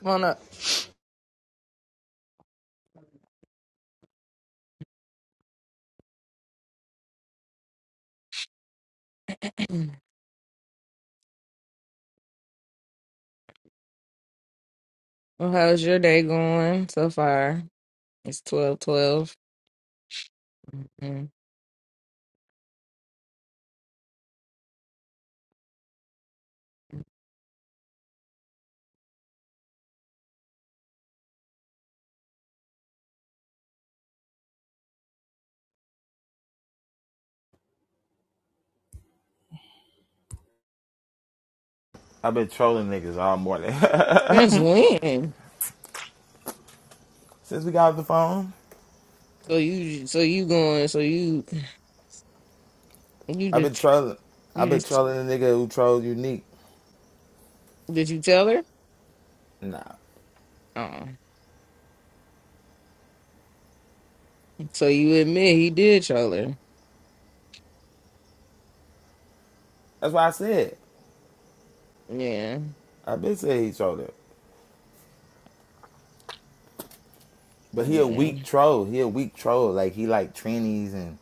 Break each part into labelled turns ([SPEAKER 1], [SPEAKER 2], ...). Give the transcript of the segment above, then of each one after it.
[SPEAKER 1] Come on up. Well, how's your day going so far? It's twelve twelve. Mhm.
[SPEAKER 2] I've been trolling niggas all morning.
[SPEAKER 1] Since when?
[SPEAKER 2] Since we got off the phone,
[SPEAKER 1] So you so you going so you you
[SPEAKER 2] I've been
[SPEAKER 1] just
[SPEAKER 2] trolling. I've
[SPEAKER 1] you
[SPEAKER 2] been
[SPEAKER 1] just
[SPEAKER 2] trolling the nigga who trolls Unique.
[SPEAKER 1] did you tell her?
[SPEAKER 2] Nah.
[SPEAKER 1] Oh. So you admit he did tell her.
[SPEAKER 2] That's why I said.
[SPEAKER 1] Yeah.
[SPEAKER 2] I've been saying he trolled him. But he a
[SPEAKER 1] Yeah.
[SPEAKER 2] weak troll. He a weak troll. Like, he like trannies and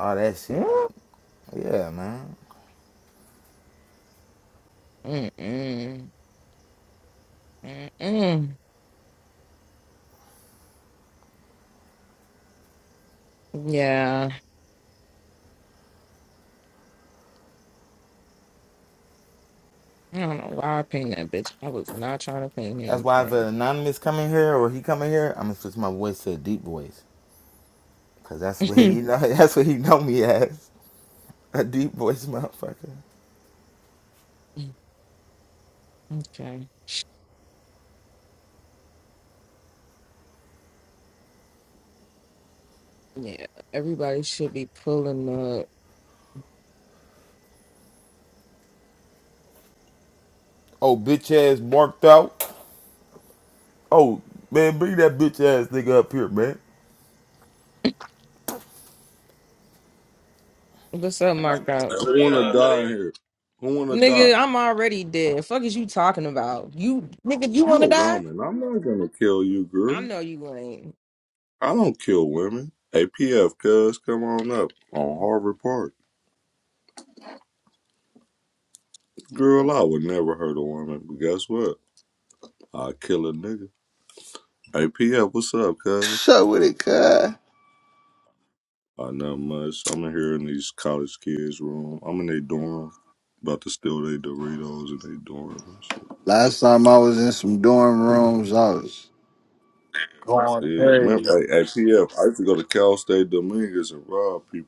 [SPEAKER 2] all that shit. Yeah, man.
[SPEAKER 1] Mm-mm. Mm-mm. Yeah. I don't know why I pinged that bitch. I was not trying to ping
[SPEAKER 2] That's
[SPEAKER 1] him.
[SPEAKER 2] why if an
[SPEAKER 1] bruh.
[SPEAKER 2] anonymous come in here or he come in here, I'm going to switch my voice to a deep voice. Because that's what he know. That's what he know me as. A deep voice motherfucker.
[SPEAKER 1] okay. Yeah. Everybody should be pulling up.
[SPEAKER 2] Oh, bitch ass marked out. Oh, man, bring that bitch ass nigga up here, man.
[SPEAKER 1] What's up, Mark? Dog?
[SPEAKER 3] Who wanna die here? Who wanna die?
[SPEAKER 1] Nigga, I'm already dead. Fuck is you talking about? You nigga, you
[SPEAKER 3] You
[SPEAKER 1] wanna
[SPEAKER 3] a
[SPEAKER 1] die?
[SPEAKER 3] woman. I'm not gonna kill you,
[SPEAKER 1] I
[SPEAKER 3] girl.
[SPEAKER 1] know you ain't.
[SPEAKER 3] I don't kill women. APF, cuz, come on up on Harvard Park. Girl, I would never hurt a woman, but guess what? I kill a nigga. APF, what's up, cuz?
[SPEAKER 4] So with it, cuz.
[SPEAKER 3] Uh, not much. I'm in here in these college kids' room. I'm in their dorm. About to steal their Doritos in their dorm and shit.
[SPEAKER 4] Last time I was in some dorm rooms, I was going
[SPEAKER 3] Yeah, remember,
[SPEAKER 4] crazy.
[SPEAKER 3] hey, APF, used to go to Cal State Dominguez and rob people.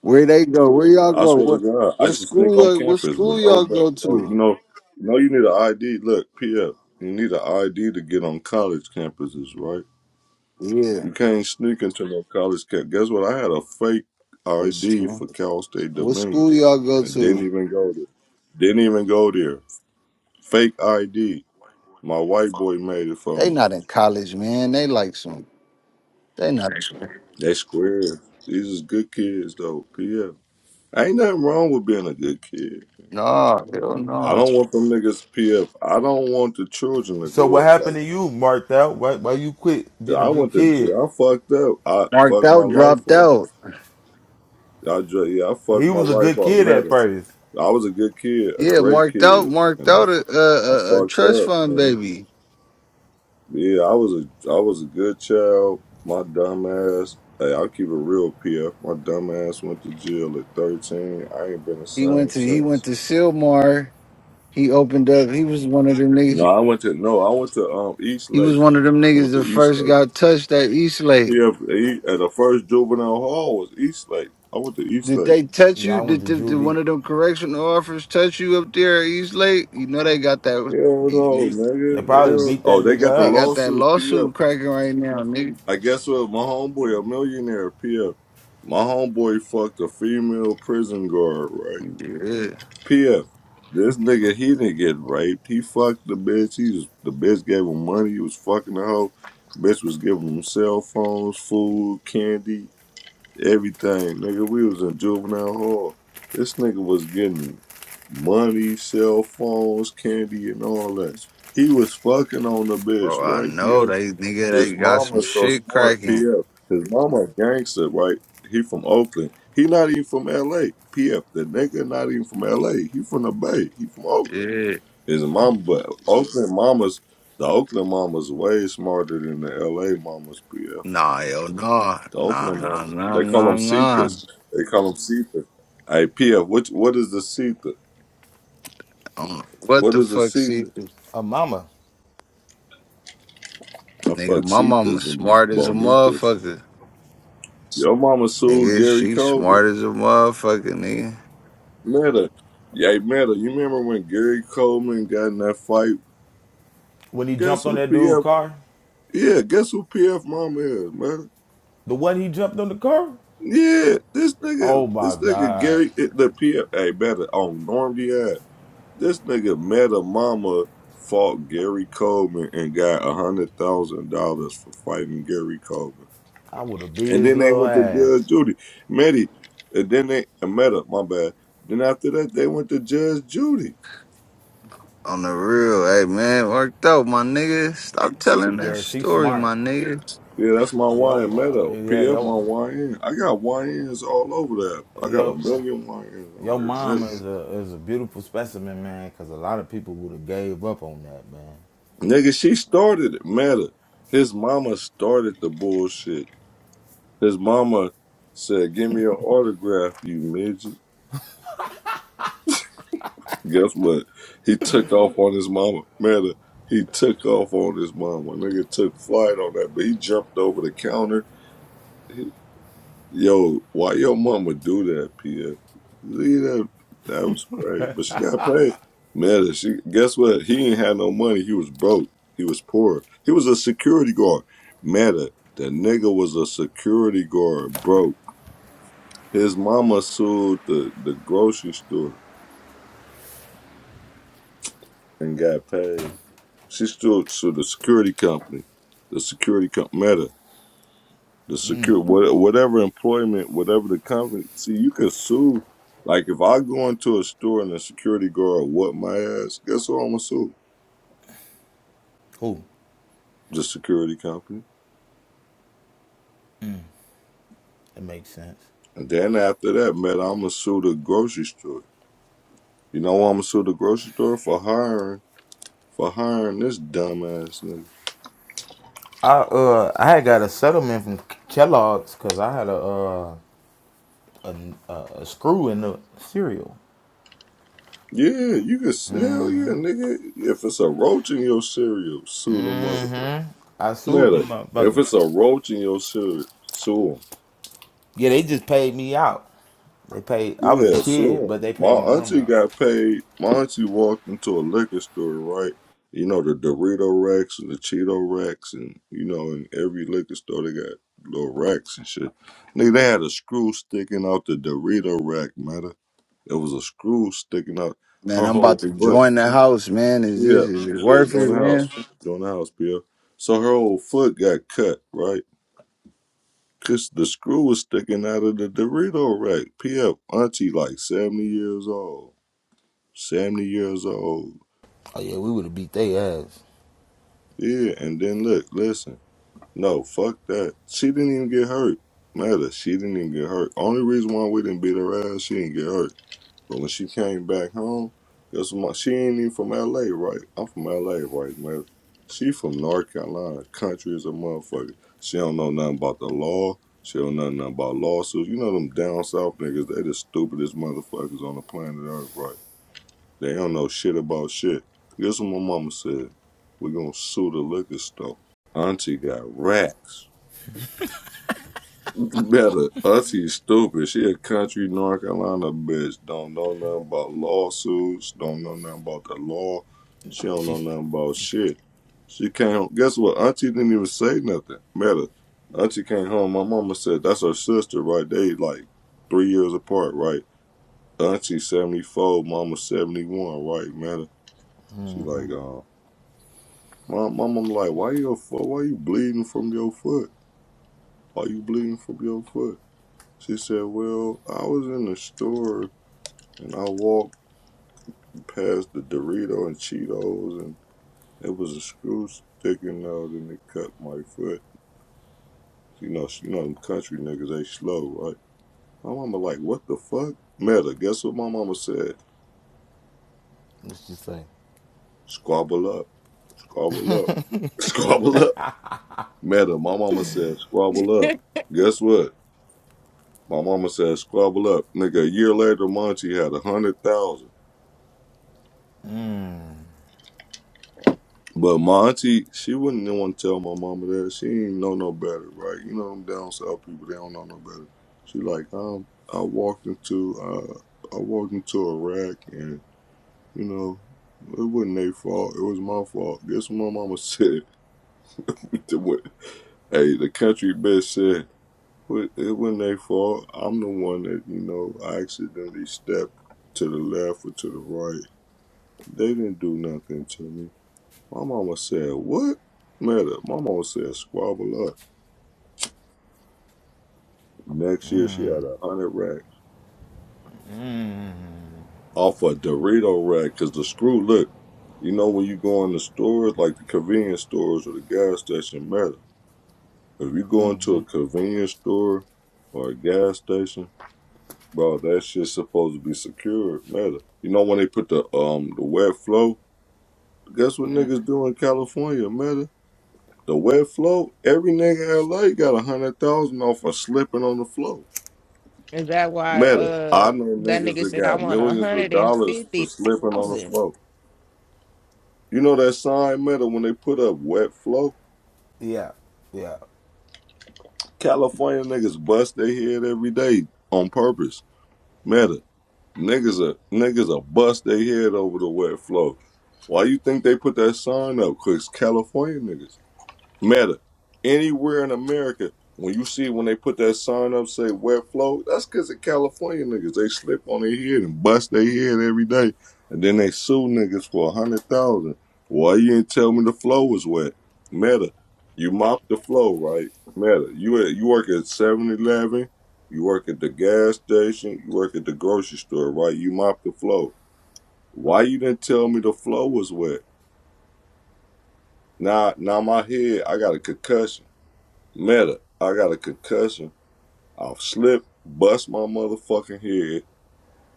[SPEAKER 4] Where they go? Where y'all
[SPEAKER 3] I
[SPEAKER 4] go?
[SPEAKER 3] swear to
[SPEAKER 4] What
[SPEAKER 3] God, I
[SPEAKER 4] what
[SPEAKER 3] should sneak
[SPEAKER 4] school?
[SPEAKER 3] on
[SPEAKER 4] uh, What
[SPEAKER 3] campus
[SPEAKER 4] school
[SPEAKER 3] with no
[SPEAKER 4] y'all go
[SPEAKER 3] back. no- You
[SPEAKER 4] to?
[SPEAKER 3] know, you know, you need an ID. Look, PF, you need an ID to get on college campuses, right?
[SPEAKER 4] Yeah,
[SPEAKER 3] You can't sneak into no college camp. Guess what? I had a fake
[SPEAKER 4] what
[SPEAKER 3] ID
[SPEAKER 4] school?
[SPEAKER 3] for Cal State
[SPEAKER 4] What school
[SPEAKER 3] Dominguez
[SPEAKER 4] y'all go
[SPEAKER 3] and didn't
[SPEAKER 4] to?
[SPEAKER 3] even go there. Didn't even go there. Fake ID. My white boy made it for
[SPEAKER 4] They
[SPEAKER 3] me.
[SPEAKER 4] not in college, man. They like some. They not.
[SPEAKER 3] They square. These is good kids though. PF, ain't nothing wrong with being a good kid.
[SPEAKER 4] No, hell
[SPEAKER 3] I
[SPEAKER 4] no.
[SPEAKER 3] don't want them niggas PF. I don't want the children to
[SPEAKER 2] So
[SPEAKER 3] grow
[SPEAKER 2] what
[SPEAKER 3] up like
[SPEAKER 2] happened to you, Marked Out? Why why you quit
[SPEAKER 3] that.
[SPEAKER 2] being a
[SPEAKER 3] I
[SPEAKER 2] good
[SPEAKER 3] went to
[SPEAKER 2] kid?
[SPEAKER 3] jail. I fucked up. I
[SPEAKER 4] Marked
[SPEAKER 3] fucked my
[SPEAKER 4] out,
[SPEAKER 3] life
[SPEAKER 4] dropped
[SPEAKER 3] off.
[SPEAKER 4] out.
[SPEAKER 3] I dr- yeah, I
[SPEAKER 2] He
[SPEAKER 3] fucked my
[SPEAKER 2] was a
[SPEAKER 3] life
[SPEAKER 2] good
[SPEAKER 3] off.
[SPEAKER 2] kid at
[SPEAKER 3] Matter.
[SPEAKER 2] first.
[SPEAKER 3] I was a good kid, a
[SPEAKER 4] Yeah,
[SPEAKER 3] great
[SPEAKER 4] marked out,
[SPEAKER 3] kid,
[SPEAKER 4] marked
[SPEAKER 3] and
[SPEAKER 4] out a, a,
[SPEAKER 3] I
[SPEAKER 4] a, a
[SPEAKER 3] fucked
[SPEAKER 4] trust
[SPEAKER 3] up,
[SPEAKER 4] fund
[SPEAKER 3] man.
[SPEAKER 4] baby.
[SPEAKER 3] Yeah, I was a I was a good child. My dumb ass. Hey, I'll keep it real, PF. My dumb ass went to jail at thirteen. I ain't been the
[SPEAKER 4] He went
[SPEAKER 3] same
[SPEAKER 4] to he went
[SPEAKER 3] since.
[SPEAKER 4] to Silmar. He opened up. He was one of them niggas.
[SPEAKER 3] No, I went to no, I went to um East
[SPEAKER 4] He was
[SPEAKER 3] Lake.
[SPEAKER 4] one of them
[SPEAKER 3] I
[SPEAKER 4] niggas
[SPEAKER 3] went to
[SPEAKER 4] that
[SPEAKER 3] East
[SPEAKER 4] first
[SPEAKER 3] Lake.
[SPEAKER 4] got touched at East Lake.
[SPEAKER 3] Yeah, he, at the first juvenile hall was Eastlake. I went to
[SPEAKER 4] Did
[SPEAKER 3] Eastlake.
[SPEAKER 4] they touch
[SPEAKER 2] Yeah, I
[SPEAKER 4] you?
[SPEAKER 2] went
[SPEAKER 4] Did,
[SPEAKER 2] to
[SPEAKER 4] did, did one
[SPEAKER 2] juvie.
[SPEAKER 4] of them correctional officers touch you up there at East Lake? You know they got that.
[SPEAKER 3] Hell
[SPEAKER 2] They
[SPEAKER 3] no, nigga.
[SPEAKER 2] probably
[SPEAKER 3] Hell.
[SPEAKER 2] beat that
[SPEAKER 3] Oh, they got
[SPEAKER 2] nigga
[SPEAKER 3] the
[SPEAKER 4] They
[SPEAKER 2] up.
[SPEAKER 4] got that
[SPEAKER 3] lawsuits. PF.
[SPEAKER 4] lawsuit cracking right now, nigga.
[SPEAKER 3] I guess what? My homeboy, a millionaire. PF. My homeboy fucked a female prison guard. Right.
[SPEAKER 4] Yeah.
[SPEAKER 3] PF. This nigga, he didn't get raped. He fucked the bitch. He was, the bitch gave him money. He was fucking the hoe. Bitch was giving him cell phones, food, candy. everything, nigga. We was in juvenile hall. This nigga was getting money, cell phones, candy, and all that. He was fucking on the bitch,
[SPEAKER 4] Bro, I
[SPEAKER 3] right,
[SPEAKER 4] know
[SPEAKER 3] PF?
[SPEAKER 4] they nigga
[SPEAKER 3] His
[SPEAKER 4] they got some
[SPEAKER 3] mama so
[SPEAKER 4] shit
[SPEAKER 3] smart,
[SPEAKER 4] cracking.
[SPEAKER 3] PF. His mama a gangster, right? He from Oakland. He not even from LA, PF. The nigga not even from LA. He from the Bay. He from Oakland.
[SPEAKER 4] Yeah.
[SPEAKER 3] His mama, but Oakland mamas, the Oakland mamas way smarter than the LA mamas, PF.
[SPEAKER 4] Nah, yo, nah.
[SPEAKER 3] The
[SPEAKER 4] Nah,
[SPEAKER 3] Oakland
[SPEAKER 4] nah,
[SPEAKER 3] one.
[SPEAKER 4] nah,
[SPEAKER 3] They call
[SPEAKER 4] nah,
[SPEAKER 3] them
[SPEAKER 4] nah.
[SPEAKER 3] Cetus. They call them Cetus. Hey, Pia, which, what what is the Cetus?
[SPEAKER 4] I don't know what
[SPEAKER 3] What
[SPEAKER 4] the
[SPEAKER 3] is a
[SPEAKER 4] fuck, see?
[SPEAKER 3] Cetus?
[SPEAKER 2] A mama.
[SPEAKER 3] I
[SPEAKER 4] Nigga,
[SPEAKER 3] fuck
[SPEAKER 4] my mama
[SPEAKER 3] Cetus and
[SPEAKER 4] smart as a
[SPEAKER 3] Bonitas.
[SPEAKER 4] motherfucker.
[SPEAKER 3] Your mama sued
[SPEAKER 4] Nigga,
[SPEAKER 3] Gary
[SPEAKER 4] she
[SPEAKER 3] Coleman.
[SPEAKER 4] smart as a motherfucker, nigga.
[SPEAKER 3] Meta. Yeah, Meta, you remember when Gary Coleman got in that fight?
[SPEAKER 2] When he
[SPEAKER 3] Guess
[SPEAKER 2] jumped on
[SPEAKER 3] who
[SPEAKER 2] that dude's
[SPEAKER 3] PF?
[SPEAKER 2] car,
[SPEAKER 3] Yeah, guess who PF mama is, man?
[SPEAKER 2] the one he jumped on the car.
[SPEAKER 3] Yeah, this nigga,
[SPEAKER 2] Oh my
[SPEAKER 3] this nigga
[SPEAKER 2] god,
[SPEAKER 3] Gary, the PF, hey, better on Norm D. I. This nigga Meta Mama fought Gary Coleman and got a hundred thousand dollars for fighting Gary Coleman,
[SPEAKER 2] I would have beat
[SPEAKER 3] and
[SPEAKER 2] his
[SPEAKER 3] then they
[SPEAKER 2] little
[SPEAKER 3] went to
[SPEAKER 2] ass.
[SPEAKER 3] Judge Judy Medi, and then they uh, Meta, my bad. Then after that, they went to Judge Judy.
[SPEAKER 4] On the real, hey man, worked out, my nigga. Stop telling that
[SPEAKER 2] Yeah, she's
[SPEAKER 4] story,
[SPEAKER 2] smart.
[SPEAKER 4] my nigga.
[SPEAKER 3] Yeah, that's my
[SPEAKER 2] Yo,
[SPEAKER 3] YN
[SPEAKER 2] uh,
[SPEAKER 3] Meadow.
[SPEAKER 2] yeah,
[SPEAKER 3] PF
[SPEAKER 2] yo,
[SPEAKER 3] my YN. I got YNs all over there. I got a
[SPEAKER 2] yo, uh,
[SPEAKER 3] million YNs on
[SPEAKER 2] your
[SPEAKER 3] here,
[SPEAKER 2] mom
[SPEAKER 3] Meta.
[SPEAKER 2] is a is a beautiful specimen, man. Because a lot of people would have gave up on that, man.
[SPEAKER 3] Nigga, she started it, Meta. His mama started the bullshit. His mama said, "Give me your autograph, you midget." Guess what? He took off on his mama. Man, he took off on his mama. Nigga took flight on that, but he jumped over the counter. He- Yo, why your mama do that, PF? Leave that. That was great, but she got paid. Man, she guess what? He ain't had no money. He was broke. He was poor. He was a security guard. Meta, the nigga was a security guard, broke. His mama sued the, the grocery store and got paid. She still so the security company, the security comp Meta, the secure what, whatever employment, whatever the company. See, you can sue. Like if I go into a store and the security guard what my ass, guess who I'm gonna sue?
[SPEAKER 2] Who?
[SPEAKER 3] The security company.
[SPEAKER 2] It makes sense.
[SPEAKER 3] And then after that, Meta, I'm gonna sue the grocery store. You know why I'm gonna sue the grocery store for hiring for hiring this dumbass nigga.
[SPEAKER 2] I uh I had got a settlement from Kellogg's because I had a uh a, a, a screw in the cereal.
[SPEAKER 3] Yeah, you can s- hell yeah, nigga. If it's a roach in your cereal, sue the motherfucker.
[SPEAKER 2] I sued
[SPEAKER 3] Matter
[SPEAKER 2] them
[SPEAKER 3] if
[SPEAKER 2] motherfuckers.
[SPEAKER 3] it's a roach in your shit, sue 'em.
[SPEAKER 2] Yeah, they just paid me out. They paid. I was a
[SPEAKER 3] Yeah, sue
[SPEAKER 2] kid,
[SPEAKER 3] 'em.
[SPEAKER 2] but they
[SPEAKER 3] My
[SPEAKER 2] paid my mama
[SPEAKER 3] auntie
[SPEAKER 2] out.
[SPEAKER 3] got paid. My auntie walked into a liquor store, right? You know the Dorito racks and the Cheeto racks, and you know in every liquor store they got little racks and shit. Nigga, they had a screw sticking out the Dorito rack. Matter it was a screw sticking out
[SPEAKER 4] Man,
[SPEAKER 3] her
[SPEAKER 4] I'm
[SPEAKER 3] whole
[SPEAKER 4] about to
[SPEAKER 3] foot.
[SPEAKER 4] join the house, man. Is this
[SPEAKER 3] Yeah,
[SPEAKER 4] is it
[SPEAKER 3] yeah,
[SPEAKER 4] worth
[SPEAKER 3] join
[SPEAKER 4] it,
[SPEAKER 3] the
[SPEAKER 4] man?
[SPEAKER 3] house, join the house, Bill. So her whole foot got cut, right? Cause the screw was sticking out of the Dorito rack. PF Auntie like seventy years old. Seventy years old.
[SPEAKER 2] Oh yeah, we would have beat their ass.
[SPEAKER 3] Yeah, and then look, listen. No, fuck that. She didn't even get hurt. Matter, she didn't even get hurt. Only reason why we didn't beat her ass, she didn't get hurt. But when she came back home, guess what? she ain't even from LA, right? I'm from LA, right, man? She from North Carolina, country as a motherfucker. She don't know nothing about the law. She don't know nothing about lawsuits. You know them down south niggas, they the stupidest motherfuckers on the planet Earth, right? They don't know shit about shit. Guess what my mama said? We gonna sue the liquor store. Auntie got racks. Better. Auntie is stupid. She a country North Carolina bitch. Don't know nothing about lawsuits. Don't know nothing about the law. She don't know
[SPEAKER 2] She's
[SPEAKER 3] nothing about shit. She came home. Guess what? Auntie didn't even say nothing. Matter. Auntie came home. My mama said that's her sister, right? They like three years apart, right? Auntie seventy four, mama seventy one, right? Matter. She like, uh, my mama like, why your foot? Why you bleeding from your foot? Why you bleeding from your foot? She said, Well, I was in the store and I walked past the Dorito and Cheetos and it was a screw sticking out and it cut my foot. You know, you know them country niggas, they slow, right? My mama like, what the fuck? Meta, guess what my mama said?
[SPEAKER 2] Let's just say.
[SPEAKER 3] Squabble up. Squabble up. Squabble up. Meta, my mama said, squabble up. Guess what? My mama said, squabble up. Nigga, a year later, Monty had a hundred thousand. But my auntie, she wouldn't even want to tell my mama that. She ain't know no better, right? You know them down south people, they don't know no better. She like, um, I walked into uh I walked into a rack and, you know, it wasn't their fault. It was my fault. Guess what my mama said? The wa- hey, the country bitch said, "Wa- it wasn't their fault. I'm the one that, you know, I accidentally stepped to the left or to the right. They didn't do nothing to me. My mama said, What? Matter. My mama said, Squabble up. Next year, she had a hundred racks off a Dorito rack because the screw, look, you know, when you go in the stores, like the convenience stores or the gas station, matter. If you go into a convenience store or a gas station, bro, that shit's supposed to be secured, matter. You know, when they put the um the wet flow, guess what niggas do in California, matter? The wet flow, every nigga in LA got a hundred thousand off of slipping on the floor.
[SPEAKER 1] Is that why
[SPEAKER 3] Meta,
[SPEAKER 1] uh
[SPEAKER 3] I know
[SPEAKER 1] that
[SPEAKER 3] niggas
[SPEAKER 1] nigga
[SPEAKER 3] that
[SPEAKER 1] said I
[SPEAKER 3] got
[SPEAKER 1] want a
[SPEAKER 3] millions of
[SPEAKER 1] hundred and
[SPEAKER 3] dollars for
[SPEAKER 1] fifty
[SPEAKER 3] slipping on the
[SPEAKER 1] thousand?
[SPEAKER 3] floor. You know that sign, Meta, when they put up wet flow?
[SPEAKER 2] yeah, yeah,
[SPEAKER 3] California niggas bust their head every day on purpose. Meta, niggas are niggas are bust their head over the wet flow. Why you think they put that sign up? Cause California niggas. Meta. Anywhere in America, when you see when they put that sign up say wet flow, that's because the California niggas. They slip on their head and bust their head every day. And then they sue niggas for a hundred thousand. Why you didn't tell me the flow was wet? Meta. You mop the flow, right? Meta. You at- you work at Seven Eleven you work at the gas station, you work at the grocery store, right? You mop the flow. Why you didn't tell me the flow was wet? Now now my head, I got a concussion. Meta, I got a concussion. I'll slip, bust my motherfucking head.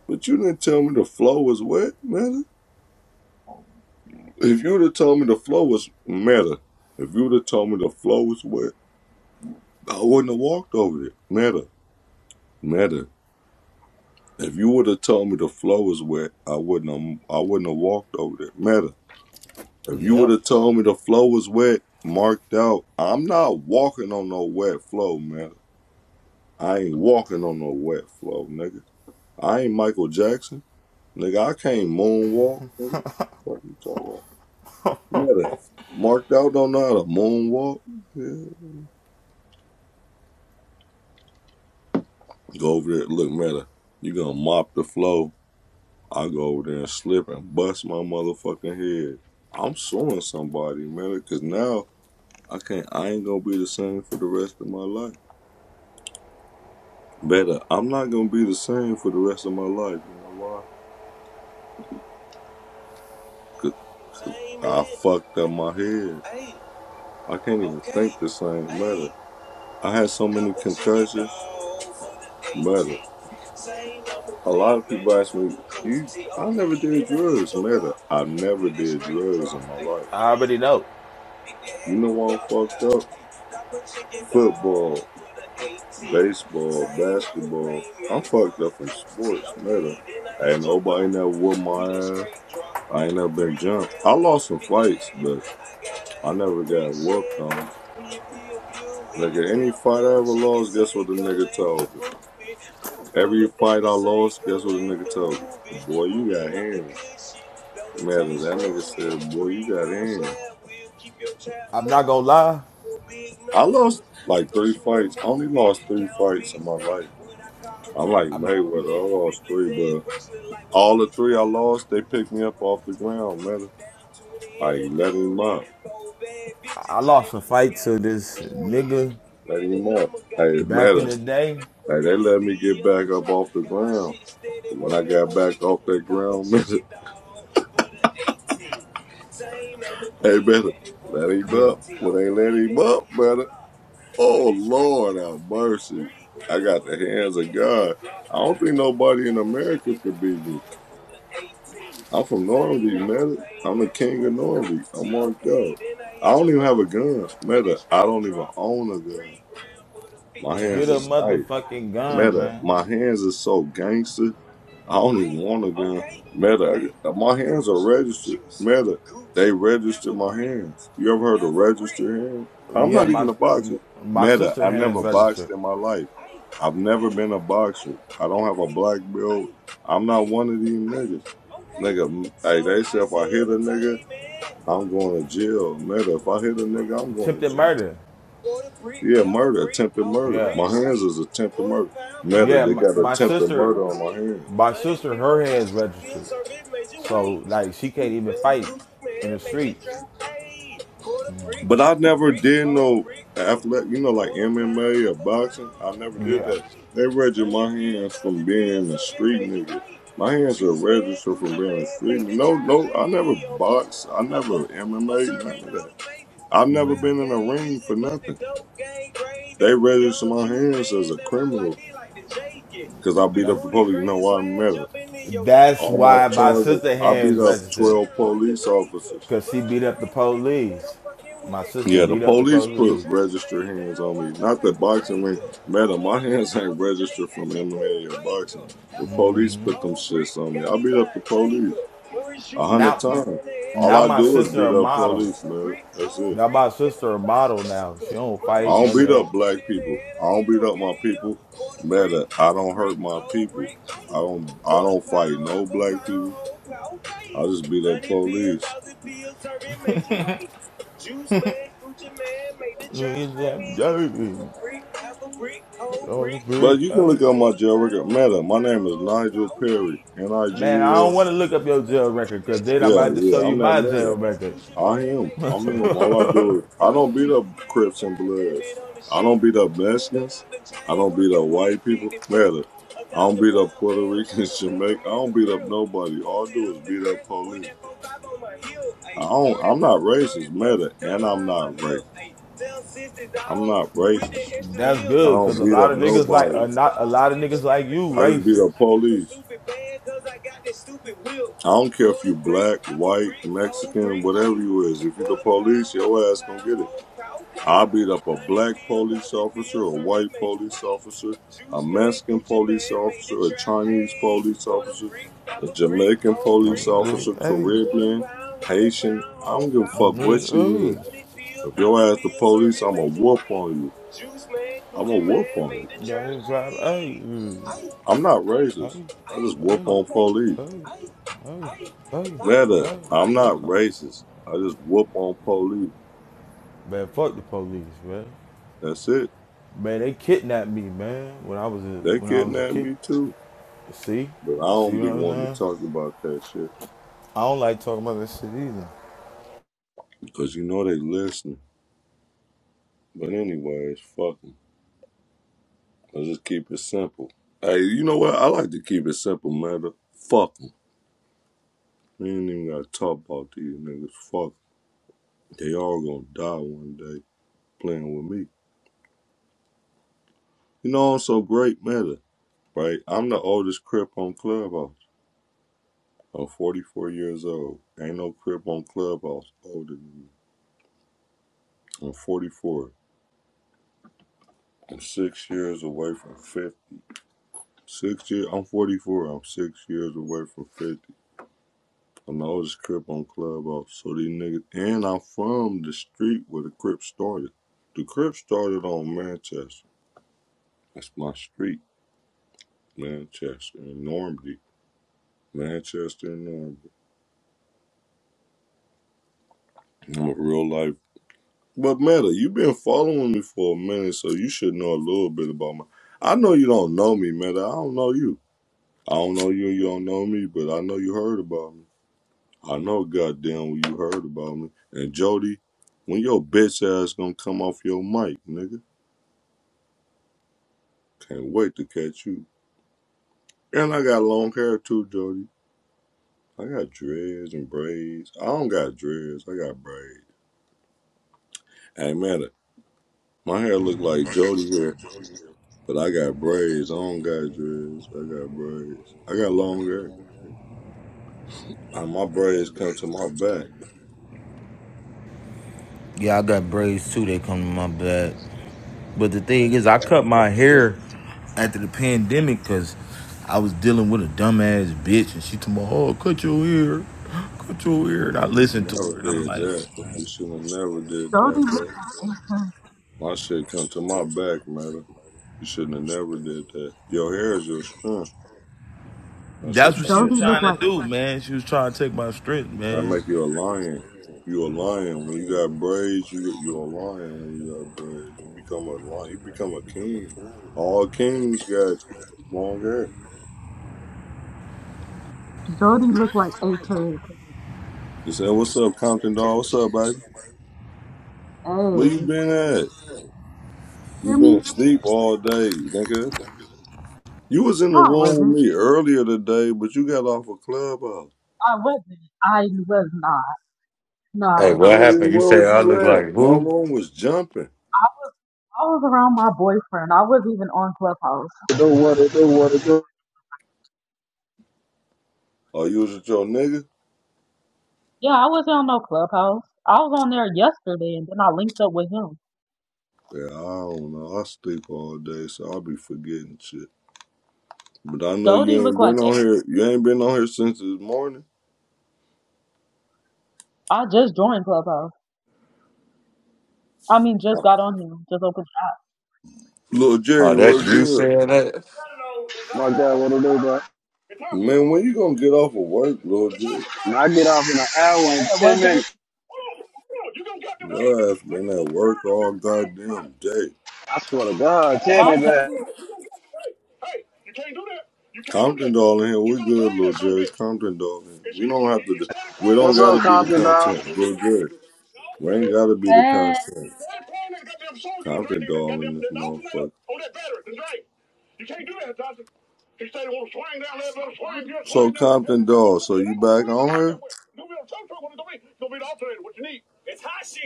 [SPEAKER 3] But you didn't tell me the flow was wet, Meta. If you would have told me the flow was Meta, if you would have told me the flow was wet, I wouldn't have walked over it, Meta, Meta. If you would have told me the flow was wet, I wouldn't have, I wouldn't have walked over there, Meta. If you would
[SPEAKER 2] yeah.
[SPEAKER 3] have told me the flow was wet, marked out, I'm not walking on no wet flow, Meta. I ain't walking on no wet flow, nigga. I ain't Michael Jackson. Nigga, I can't moonwalk, nigga. What you talking about? Meta. Marked out don't know how to moonwalk. Yeah. Go over there. Look, Meta, you gonna mop the floor. I go over there and slip and bust my motherfucking head. I'm suing somebody, Meta, cause now I can't I ain't gonna be the same for the rest of my life. Better, I'm not gonna be the same for the rest of my life. You know why? Cause I fucked up my head. I can't even okay. think the same, Meta. I had so many concussions, but a lot of people ask me, you, I never did drugs, man. I never did drugs in my life.
[SPEAKER 2] I already know.
[SPEAKER 3] You know why I'm fucked up? Football, baseball, basketball. I'm fucked up in sports, man. Ain't nobody never whooped my ass. I ain't never been jumped. I lost some fights, but I never got whooped on. Nigga, any fight I ever lost, guess what the nigga told me? Every fight I lost, guess what the nigga told me? Boy, you got hands. Man, that nigga said, boy, you got hands.
[SPEAKER 2] I'm not gonna lie.
[SPEAKER 3] I lost like three fights. I only lost three fights in my life. I'm like Mayweather. I lost three, but all the three I lost, they picked me up off the ground, man. Like, let him up.
[SPEAKER 2] I lost a fight to this nigga
[SPEAKER 3] Not anymore. Like it
[SPEAKER 2] back
[SPEAKER 3] matter.
[SPEAKER 2] in the day.
[SPEAKER 3] Like they let me get back up off the ground. And when I got back off that ground, hey better. Let him
[SPEAKER 2] Yeah,
[SPEAKER 3] up. When they let him up, better. Oh Lord have mercy. I got the hands of God. I don't think nobody in America could beat me. I'm from Normandy, man. I'm the king of Normandy. I'm marked up. I don't even have a gun. Meta, I don't even own a gun. My
[SPEAKER 2] get
[SPEAKER 3] hands
[SPEAKER 2] a
[SPEAKER 3] is nice.
[SPEAKER 2] motherfucking gun,
[SPEAKER 3] Meta,
[SPEAKER 2] man.
[SPEAKER 3] my hands is so gangster. I don't even want a gun. Meta, I- my hands are registered. Meta, they registered my hands. You ever heard of registered hands? I'm
[SPEAKER 2] Yeah,
[SPEAKER 3] not
[SPEAKER 2] my
[SPEAKER 3] even a boxer.
[SPEAKER 2] my
[SPEAKER 3] Meta,
[SPEAKER 2] sister
[SPEAKER 3] I
[SPEAKER 2] hands
[SPEAKER 3] never
[SPEAKER 2] registered.
[SPEAKER 3] boxed in my life. I've never been a boxer. I don't have a black belt. I'm not one of these niggas. Nigga, hey, they say if I hit a nigga, I'm going to jail. Meta, if I hit a nigga, I'm going to
[SPEAKER 2] Attempted
[SPEAKER 3] jail.
[SPEAKER 2] murder.
[SPEAKER 3] Yeah, murder, attempted murder.
[SPEAKER 2] Yeah,
[SPEAKER 3] My hands is attempted murder. Meta,
[SPEAKER 2] yeah.
[SPEAKER 3] they
[SPEAKER 2] My,
[SPEAKER 3] got
[SPEAKER 2] my
[SPEAKER 3] attempted
[SPEAKER 2] sister,
[SPEAKER 3] murder on my hands.
[SPEAKER 2] my sister, her hands registered. So like she can't even fight in the streets.
[SPEAKER 3] But I never did no athletic, you know, like MMA or boxing. I never did
[SPEAKER 2] Yeah,
[SPEAKER 3] that. They register my hands from being a street nigga. My hands are registered from being a street. nigga. No, no, I never boxed. I never MMA, none of that. I've never been in a ring for nothing. They register my hands as a criminal. Because I beat up
[SPEAKER 2] that's
[SPEAKER 3] the police. You know why I'm mad?
[SPEAKER 2] that's
[SPEAKER 3] All my
[SPEAKER 2] why my
[SPEAKER 3] charges.
[SPEAKER 2] sister
[SPEAKER 3] I beat
[SPEAKER 2] hands
[SPEAKER 3] up
[SPEAKER 2] registered
[SPEAKER 3] 12 police officers.
[SPEAKER 2] because she beat up the police. My sister
[SPEAKER 3] Yeah, the
[SPEAKER 2] beat up the
[SPEAKER 3] police put
[SPEAKER 2] police.
[SPEAKER 3] registered hands on me. Not the boxing ring. Madam, my hands ain't registered from MMA or boxing. The police put them shits on me. I beat up the police a hundred
[SPEAKER 2] Now,
[SPEAKER 3] times. All
[SPEAKER 2] now
[SPEAKER 3] I
[SPEAKER 2] my
[SPEAKER 3] do is
[SPEAKER 2] sister
[SPEAKER 3] beat
[SPEAKER 2] a
[SPEAKER 3] up
[SPEAKER 2] model.
[SPEAKER 3] police, man. That's
[SPEAKER 2] Now
[SPEAKER 3] it.
[SPEAKER 2] my sister a model now. She don't
[SPEAKER 3] I
[SPEAKER 2] fight
[SPEAKER 3] don't
[SPEAKER 2] none of
[SPEAKER 3] beat up
[SPEAKER 2] that.
[SPEAKER 3] black people. I don't beat up my people. Matter, I don't hurt my people. I don't. I don't fight no black people. I just beat up police.
[SPEAKER 2] It's that dirty. Oh,
[SPEAKER 3] But
[SPEAKER 2] good.
[SPEAKER 3] you can
[SPEAKER 2] Hey,
[SPEAKER 3] look up my jail record. Matter, my name is Nigel Perry. N I
[SPEAKER 2] man,
[SPEAKER 3] G
[SPEAKER 2] I
[SPEAKER 3] L.
[SPEAKER 2] don't want to look up your jail record because then I might
[SPEAKER 3] Yeah,
[SPEAKER 2] have to show
[SPEAKER 3] yeah.
[SPEAKER 2] you
[SPEAKER 3] I'm that
[SPEAKER 2] my
[SPEAKER 3] nigga.
[SPEAKER 2] jail record.
[SPEAKER 3] I am. I'm him. All I do is I don't beat up Crips and Bloods. I don't beat up Mexicans. I don't beat up white people. Matter. I don't beat up Puerto Ricans, Jamaica. I don't beat up nobody. All I do is beat up police. I don't, I'm not racist, matter, and I'm not racist. I'm not racist.
[SPEAKER 2] That's
[SPEAKER 3] I
[SPEAKER 2] good because
[SPEAKER 3] don't
[SPEAKER 2] a
[SPEAKER 3] beat
[SPEAKER 2] lot
[SPEAKER 3] up
[SPEAKER 2] of niggas like
[SPEAKER 3] nobody.
[SPEAKER 2] are not a lot of niggas like you
[SPEAKER 3] I just beat
[SPEAKER 2] racist.
[SPEAKER 3] up police. I don't care if you black, white. Mexican, whatever you is, if you the police, your ass gonna get it. I beat up a black police officer, a white police officer, a Mexican police officer, a Chinese police officer, a Jamaican
[SPEAKER 2] I'm
[SPEAKER 3] police
[SPEAKER 2] good.
[SPEAKER 3] officer,
[SPEAKER 2] Hey,
[SPEAKER 3] Caribbean, Haitian. I don't give a
[SPEAKER 2] I'm
[SPEAKER 3] fuck
[SPEAKER 2] good.
[SPEAKER 3] what you is.
[SPEAKER 2] Hey,
[SPEAKER 3] If your ass the police, I'ma whoop on you. I'ma whoop on you.
[SPEAKER 2] You got his drive. Hey, mm.
[SPEAKER 3] I'm not
[SPEAKER 2] hey,
[SPEAKER 3] racist. I just whoop
[SPEAKER 2] hey,
[SPEAKER 3] on police.
[SPEAKER 2] hey, hey, hey,
[SPEAKER 3] Netta,
[SPEAKER 2] hey.
[SPEAKER 3] I'm not
[SPEAKER 2] Okay.
[SPEAKER 3] racist. I just whoop on police.
[SPEAKER 2] Man, fuck the police, man.
[SPEAKER 3] That's it.
[SPEAKER 2] Man, they kidnapped me, man. When I was a
[SPEAKER 3] They
[SPEAKER 2] when I was a
[SPEAKER 3] kidnap
[SPEAKER 2] kid.
[SPEAKER 3] me too.
[SPEAKER 2] See,
[SPEAKER 3] But I
[SPEAKER 2] see
[SPEAKER 3] don't
[SPEAKER 2] what
[SPEAKER 3] be
[SPEAKER 2] I'm
[SPEAKER 3] wanting to
[SPEAKER 2] saying?
[SPEAKER 3] talk about that shit.
[SPEAKER 2] I don't like talking about that shit either.
[SPEAKER 3] Because you know they listening. But anyways, fuck 'em. I just keep it simple. Hey, you know what? I like to keep it simple, Netta. Fuck them. We ain't even got to talk about these niggas. Fuck 'em. They all gonna die one day playing with me. You know I'm so great, Meta, right? I'm the oldest crip on Clubhouse. I'm 44 years old. Ain't no crib on Clubhouse older than me. I'm 44. I'm six years away from 50. Six years. I'm 44. I'm six years away from 50. I'm the oldest crib on Clubhouse. So these niggas. And I'm from the street where the Crip started. The Crip started on Manchester. That's my street, Manchester and Normandy. Manchester and Normandy. I'm a real life But Meta, you've been following me for a minute, so you should know a little bit about me. I know you don't know me, Meta. I don't know you. I don't know you and you don't know me, but I know you heard about me. I know goddamn well you heard about me. And Jody, when your bitch ass gonna come off your mic, nigga? Can't wait to catch you. And I got long hair too, Jody. I got dreads and braids. I don't got dreads. I got braids. Hey, Meta, my hair look like Jody hair. But I got braids. I don't got dreads. I got braids. I got long hair. Uh, my braids come to my back.
[SPEAKER 2] Yeah, I got braids too. They come in my bag. But the thing is, I cut my hair after the pandemic because I was dealing with a dumbass bitch, and she told me, "Oh, cut your hair, cut your hair." And I
[SPEAKER 3] You should
[SPEAKER 2] listened to
[SPEAKER 3] never
[SPEAKER 2] her, and I'm
[SPEAKER 3] did
[SPEAKER 2] like,
[SPEAKER 3] that. You shouldn't have never did
[SPEAKER 5] Jody
[SPEAKER 3] that,
[SPEAKER 5] looked
[SPEAKER 3] bro.
[SPEAKER 5] like Ace Hood.
[SPEAKER 3] My shit come to my back, man. You shouldn't have never did that. Your hair is your strength. That's your
[SPEAKER 2] "That's what she
[SPEAKER 3] strength.
[SPEAKER 2] was
[SPEAKER 5] Jody looked
[SPEAKER 2] trying
[SPEAKER 5] like
[SPEAKER 2] to do, man. She was trying to take my strength,
[SPEAKER 3] That
[SPEAKER 2] man."
[SPEAKER 3] make you a lion. You a lion when you got braids. You you a lion when you got braids. You become a lion. You become a king. All kings got long hair.
[SPEAKER 5] Jody looked like Ace Hood.
[SPEAKER 3] You say, "What's up, Compton dog? What's up, baby?" Where you
[SPEAKER 5] Hey,
[SPEAKER 3] been at? You
[SPEAKER 5] hear
[SPEAKER 3] been
[SPEAKER 5] me?
[SPEAKER 3] asleep all day, nigga. You was in
[SPEAKER 5] No,
[SPEAKER 3] the
[SPEAKER 5] I
[SPEAKER 3] room
[SPEAKER 5] wasn't.
[SPEAKER 3] with me earlier today, but you got off of clubhouse.
[SPEAKER 5] I wasn't. I was not. No, I
[SPEAKER 6] Hey, what
[SPEAKER 5] wasn't.
[SPEAKER 3] Nigga,
[SPEAKER 6] happened? You
[SPEAKER 3] where
[SPEAKER 6] say
[SPEAKER 3] was
[SPEAKER 6] I
[SPEAKER 3] you
[SPEAKER 6] look
[SPEAKER 3] at?
[SPEAKER 6] like
[SPEAKER 3] My
[SPEAKER 6] who?
[SPEAKER 3] room was jumping.
[SPEAKER 5] I, I was around my boyfriend. I wasn't even on Clubhouse.
[SPEAKER 7] do what it do, what it do.
[SPEAKER 3] Oh, you was with your nigga?
[SPEAKER 5] Yeah, I wasn't on no Clubhouse. I was on there yesterday, and then I linked up with him.
[SPEAKER 3] Yeah, I don't know. I sleep all day, so I'll be forgetting shit. But I know you
[SPEAKER 5] Jody
[SPEAKER 3] ain't
[SPEAKER 5] looked like
[SPEAKER 3] been on here. You ain't been on here since this morning.
[SPEAKER 5] I just joined Clubhouse. I mean, just got on here. Just opened the app.
[SPEAKER 3] Little
[SPEAKER 5] I
[SPEAKER 6] Oh,
[SPEAKER 3] Jerry,
[SPEAKER 5] meant to
[SPEAKER 6] that
[SPEAKER 3] what's
[SPEAKER 5] say.
[SPEAKER 6] you
[SPEAKER 3] good?
[SPEAKER 6] saying that?
[SPEAKER 7] My God, what it do, bro?
[SPEAKER 3] Man, when you gonna get off of work, little Jerry?
[SPEAKER 7] When I get off in an hour and
[SPEAKER 5] Yeah, well,
[SPEAKER 7] ten
[SPEAKER 5] Jody,
[SPEAKER 7] minutes,
[SPEAKER 3] Your ass been at work all goddamn day.
[SPEAKER 7] I swear to God, tell
[SPEAKER 5] why
[SPEAKER 7] me, man.
[SPEAKER 5] Jody? look-
[SPEAKER 3] Compton doll in here. We good, little Jerry. Compton doll in here. We don't have to. Do, we don't
[SPEAKER 7] What's
[SPEAKER 3] gotta
[SPEAKER 7] up,
[SPEAKER 3] be the
[SPEAKER 7] Compton, dog?
[SPEAKER 3] content. We're good. We ain't gotta be the
[SPEAKER 5] Hey,
[SPEAKER 3] content. Compton doll in this motherfucker. You can't do that, Johnson. He said, "Well, swing down there,
[SPEAKER 5] why
[SPEAKER 3] little swing,
[SPEAKER 5] Jody?
[SPEAKER 3] you're So swing Compton doll. So you back on her?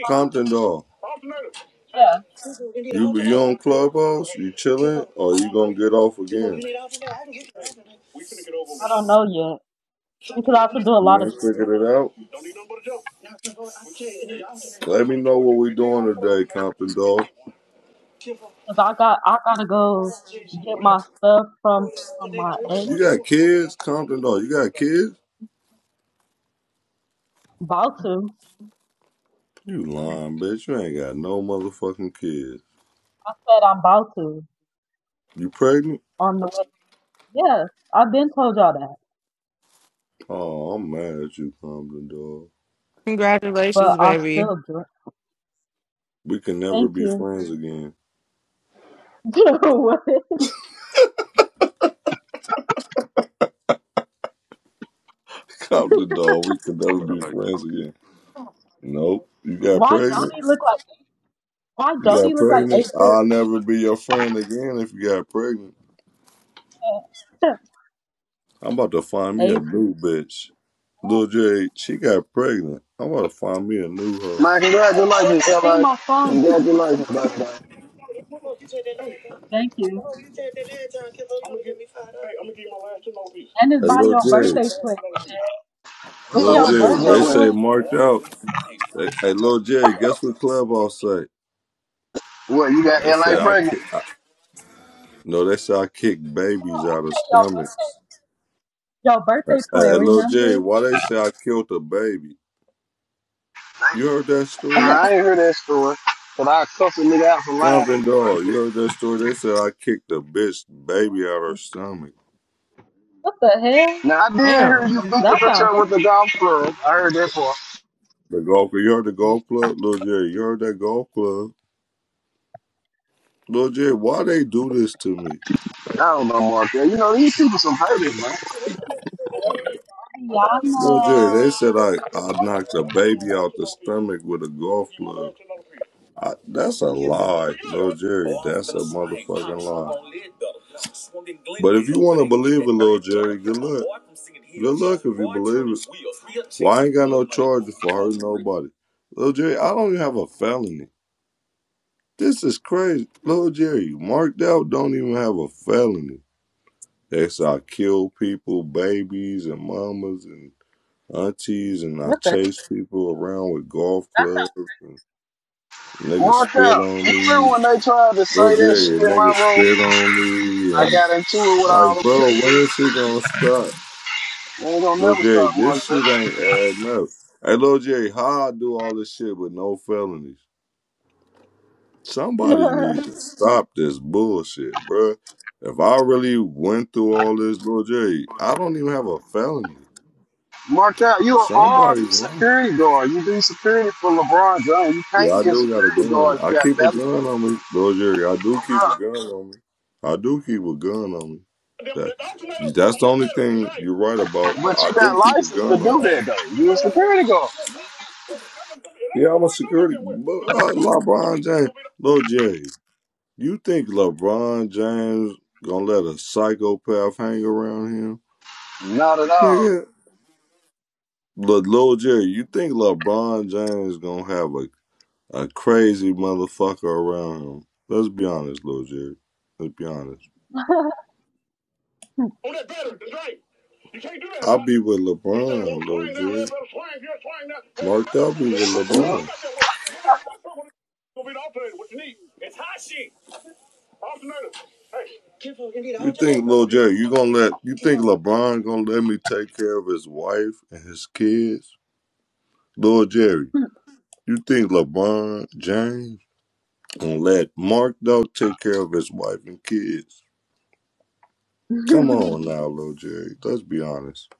[SPEAKER 5] Huh?
[SPEAKER 3] Compton doll. Alternator. Hey,
[SPEAKER 5] Yeah,
[SPEAKER 3] you be on Clubhouse? You chilling? Or you gonna get off again?
[SPEAKER 5] I don't know yet. You could also do a lot of
[SPEAKER 3] Man,
[SPEAKER 5] shit
[SPEAKER 3] figured it out. Let me know what we doing today, Compton Dog.
[SPEAKER 5] because I got I gotta go get my stuff from from my ex.
[SPEAKER 3] You got kids, Compton Dog? You got kids?
[SPEAKER 5] About to,
[SPEAKER 3] You lying, bitch. You ain't got no motherfucking kids.
[SPEAKER 5] I said I'm about to
[SPEAKER 3] You pregnant?
[SPEAKER 5] on the way. Yes, I've been told y'all that,
[SPEAKER 3] Oh, I'm mad at you, Compton Dog.
[SPEAKER 5] but
[SPEAKER 1] Congratulations,
[SPEAKER 5] I
[SPEAKER 1] baby.
[SPEAKER 5] still drink.
[SPEAKER 3] We can never
[SPEAKER 5] Thank
[SPEAKER 3] be
[SPEAKER 5] you.
[SPEAKER 3] friends again.
[SPEAKER 5] Dude, What?
[SPEAKER 3] Compton Dog, we can never be friends again. Nope. You got
[SPEAKER 5] why
[SPEAKER 3] pregnant?
[SPEAKER 5] Jody look like? Why
[SPEAKER 3] You
[SPEAKER 5] Jody
[SPEAKER 3] got
[SPEAKER 5] look like Ace?
[SPEAKER 3] pregnant? I'll never be your friend again if you got pregnant.
[SPEAKER 5] Hood?
[SPEAKER 3] I'm about to find me a
[SPEAKER 5] Ace,
[SPEAKER 3] new bitch. Lil J, she got pregnant. I'm about to find me a new hoe.
[SPEAKER 7] Man, congratulations,
[SPEAKER 5] Jody, sing
[SPEAKER 7] LA.
[SPEAKER 5] my song.
[SPEAKER 7] Congratulations, dog. dog.
[SPEAKER 5] Thank you.
[SPEAKER 3] Hey, I'm gonna give you my last two more pieces.
[SPEAKER 5] And it's
[SPEAKER 3] Hey,
[SPEAKER 5] by
[SPEAKER 3] Lil
[SPEAKER 5] your birthday
[SPEAKER 3] J,
[SPEAKER 5] twin.
[SPEAKER 7] What's
[SPEAKER 5] It's
[SPEAKER 3] Lil
[SPEAKER 7] up
[SPEAKER 5] your
[SPEAKER 7] with it?
[SPEAKER 3] J,
[SPEAKER 7] What's up
[SPEAKER 5] birthday
[SPEAKER 3] they
[SPEAKER 7] with it?
[SPEAKER 3] say
[SPEAKER 5] twin.
[SPEAKER 3] marked out. Hey, hey Lil J, guess what Clubhouse say?
[SPEAKER 7] What, you got
[SPEAKER 3] They say
[SPEAKER 7] LA
[SPEAKER 3] I
[SPEAKER 7] pregnant?
[SPEAKER 3] kick. I, no, they say I kick babies out of
[SPEAKER 5] Your birthday,
[SPEAKER 3] stomachs.
[SPEAKER 5] your birthday twin.
[SPEAKER 3] Hey, Lil J,
[SPEAKER 5] Remember?
[SPEAKER 3] why they say I killed a baby?
[SPEAKER 7] Nah,
[SPEAKER 3] You heard that story?
[SPEAKER 7] I ain't hear that story. But I cussed a nigga out for lying on
[SPEAKER 3] Compton
[SPEAKER 7] you like
[SPEAKER 3] dog, you
[SPEAKER 7] that.
[SPEAKER 3] heard that story? They said I kicked the bitch baby out her stomach.
[SPEAKER 5] what the hell?
[SPEAKER 7] Now, I did hear
[SPEAKER 1] Damn.
[SPEAKER 7] you beat the
[SPEAKER 5] That
[SPEAKER 7] bitch
[SPEAKER 5] sounds
[SPEAKER 7] up with the golf club. I heard that part.
[SPEAKER 3] The golf, you heard the golf club, Lil Jerry. You heard that golf club, Lil Jerry. Why they do this to me?
[SPEAKER 7] I don't know, Mark. yeah. You know, these people some haters, man.
[SPEAKER 5] Ayana
[SPEAKER 3] Well, Jerry, they said I, I knocked a baby out the stomach with a golf club. I, that's a
[SPEAKER 5] tweaking.
[SPEAKER 3] lie, Lil Jerry. That's a motherfucking lie. But if you want to believe it, Lil Jerry, good luck. Good luck if you believe it. Well, I ain't got no charges for hurting nobody. Lil Jerry, I don't even have a felony. This is crazy. Lil Jerry, marked out don't even have a felony. They say I kill people, babies, and mamas, and aunties and I
[SPEAKER 5] What the?
[SPEAKER 3] chased people around with golf clubs. And niggas
[SPEAKER 7] Mark
[SPEAKER 3] spit
[SPEAKER 7] out.
[SPEAKER 3] on
[SPEAKER 7] You remember
[SPEAKER 3] me.
[SPEAKER 7] when they tried to say
[SPEAKER 3] Bro,
[SPEAKER 7] that
[SPEAKER 3] Jerry,
[SPEAKER 7] shit
[SPEAKER 3] a
[SPEAKER 7] in
[SPEAKER 3] nigga
[SPEAKER 7] my room?
[SPEAKER 3] spit on me.
[SPEAKER 7] I
[SPEAKER 3] And
[SPEAKER 7] got into it with all
[SPEAKER 3] like,
[SPEAKER 7] them
[SPEAKER 3] bro,
[SPEAKER 7] people.
[SPEAKER 3] when is shit gonna stop?
[SPEAKER 7] Ain't gonna
[SPEAKER 3] Lil
[SPEAKER 7] never
[SPEAKER 3] Jerry,
[SPEAKER 7] stop
[SPEAKER 3] this
[SPEAKER 7] Markel.
[SPEAKER 3] shit ain't adding up. Hey, Lil Jerry, how I do all this shit with no felonies? Somebody needs to stop this bullshit, bruh. If I really went through all this, Lil Jerry, I don't even have a felony.
[SPEAKER 7] Markel, you an armed
[SPEAKER 3] Somebody's lying.
[SPEAKER 7] security guard. You do security for LeBron James. You
[SPEAKER 3] Yeah, I
[SPEAKER 7] can't be a
[SPEAKER 3] do got a
[SPEAKER 7] security guard.
[SPEAKER 3] gun. I
[SPEAKER 7] You got
[SPEAKER 3] keep a
[SPEAKER 7] that.
[SPEAKER 3] gun on me, Lord Jerry. I do keep a gun on me. I do keep a gun on me. That, that's the only thing you're right about.
[SPEAKER 7] But
[SPEAKER 3] I
[SPEAKER 7] you got
[SPEAKER 3] do keep a
[SPEAKER 7] license to
[SPEAKER 3] gun on
[SPEAKER 7] do
[SPEAKER 3] me.
[SPEAKER 7] that though. You a security guard.
[SPEAKER 3] Yeah, I'm a security. but, Uh, LeBron James, Lord Jerry. You think LeBron James gonna let a psychopath hang around him,
[SPEAKER 7] Not at all.
[SPEAKER 3] nigga? Look, Lil Jerry, you think LeBron James gonna have a a crazy motherfucker around him. Let's be honest, Lil Jerry. Let's be honest. Oh, that's better. That's right. You can't do that, I'll be with LeBron, oh, Lil Jerry. Hey, Mark, I'll be with no LeBron.
[SPEAKER 7] No.
[SPEAKER 3] you It's hot shit. Alternator. Hey. you think bro. Lil Jerry, you gonna let you think LeBron gonna let me take care of his wife and his kids? Lil Jerry, you think LeBron James? And let Mark Dog take care of his wife and kids. Come on now, little Jerry. Let's be honest.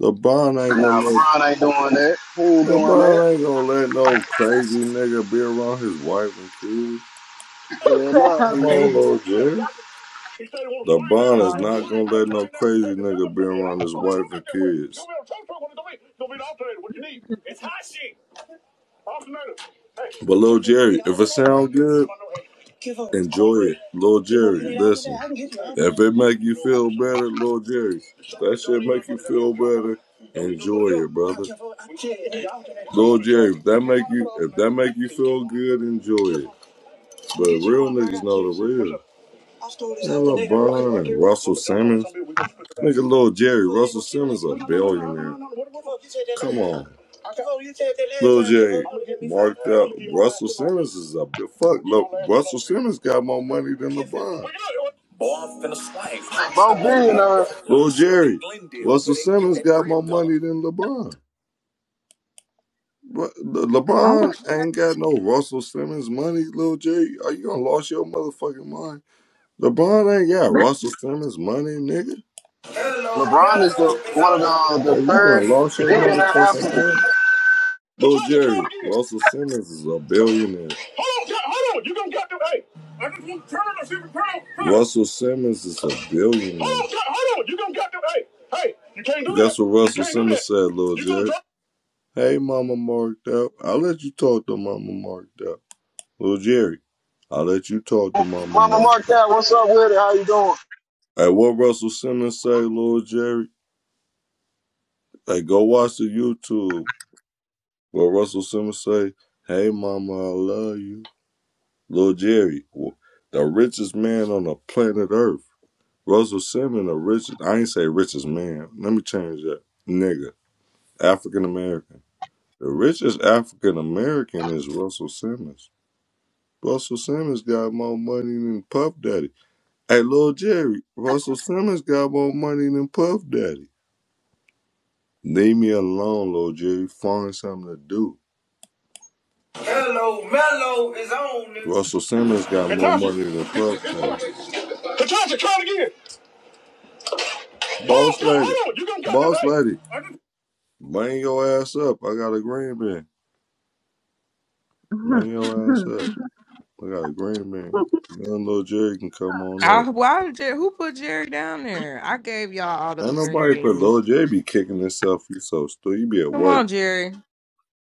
[SPEAKER 3] LeBron ain't
[SPEAKER 7] Nah,
[SPEAKER 3] gonna let
[SPEAKER 7] LeBron ain't doing that. He ain't doing that.
[SPEAKER 3] LeBron ain't gonna let no crazy nigga be around his wife and kids.
[SPEAKER 7] Yeah, no,
[SPEAKER 5] how
[SPEAKER 3] Come
[SPEAKER 7] he, they
[SPEAKER 3] on,
[SPEAKER 5] crazy
[SPEAKER 3] little Jerry. LeBron is
[SPEAKER 5] crying.
[SPEAKER 3] not gonna let no crazy nigga be around his wife and kids. But Lil Jerry, if it sound good, enjoy it. Lil Jerry, listen. If it make you feel better, Lil Jerry, that shit make you feel better. Enjoy it, brother. Lil Jerry, if that make you if that make you feel good, enjoy it. But real niggas know the real. Man, LeBron and Russell Simmons. Nigga, little Jerry. Russell Simmons a billionaire. Come on. Little Jerry marked up. Russell Simmons is a big fuck. Look, Russell Simmons got more money than LeBron.
[SPEAKER 7] both billionaires.
[SPEAKER 3] Little Jerry. Russell Simmons got more money than LeBron. But Le-
[SPEAKER 5] I
[SPEAKER 3] LeBron ain't got no Russell Simmons money, little Jerry. Are you gonna lose your motherfucking mind? LeBron ain't got Russell Simmons money, nigga.
[SPEAKER 7] LeBron is the one of the, the
[SPEAKER 3] Are you gonna
[SPEAKER 7] third
[SPEAKER 3] lost your Huh?
[SPEAKER 7] billionaire athlete.
[SPEAKER 3] motherfucking man? But Little Jerry, Russell Simmons is a billionaire. Hold on, hold on. You gonna get to hey. I just want to turn and see if it turn. Russell Simmons is a billionaire. Hold on, God, hold on. You gonna get to hey. Hey, you can't do that. That's what Russell Simmons said, Little Jerry. Hey, Mama Marked Up. I'll let you talk to Mama Marked Up. Little Jerry, I'll let you talk to Mama
[SPEAKER 7] Mama
[SPEAKER 3] Marked
[SPEAKER 7] Markel, what's up with it? How you doing?
[SPEAKER 3] Hey, what Russell Simmons say, Little Jerry? Hey, go watch the YouTube. Well, Russell Simmons say, "Hey, mama, I love you." Lil Jerry, the richest man on the planet Earth. Russell Simmons, the richest. I ain't say richest man. Let me change that. Nigga, African American. The richest African American is Russell Simmons. Russell Simmons got more money than Puff Daddy. Hey, Lil Jerry, Russell Simmons got more money than Puff Daddy. Leave me alone, Lil Jerry. Find something to do. Mello, Mello is on. nigga. Russell Simmons got Katasha. more money than Puff has. Katasha, try it again. Boss lady, boss right? lady, bang your ass up. I got a green bin.
[SPEAKER 5] was.
[SPEAKER 3] Bang your ass up. I got a green bin. Young Lil Jerry can come on
[SPEAKER 1] I,
[SPEAKER 3] up.
[SPEAKER 1] why did Jerry, who put Jerry down there? I gave y'all all those
[SPEAKER 3] Ain't
[SPEAKER 1] green
[SPEAKER 3] nobody put
[SPEAKER 1] beans.
[SPEAKER 3] Lil Jerry be kicking himself. You so stupid. You be at
[SPEAKER 1] Come
[SPEAKER 3] work.
[SPEAKER 1] on, Jerry.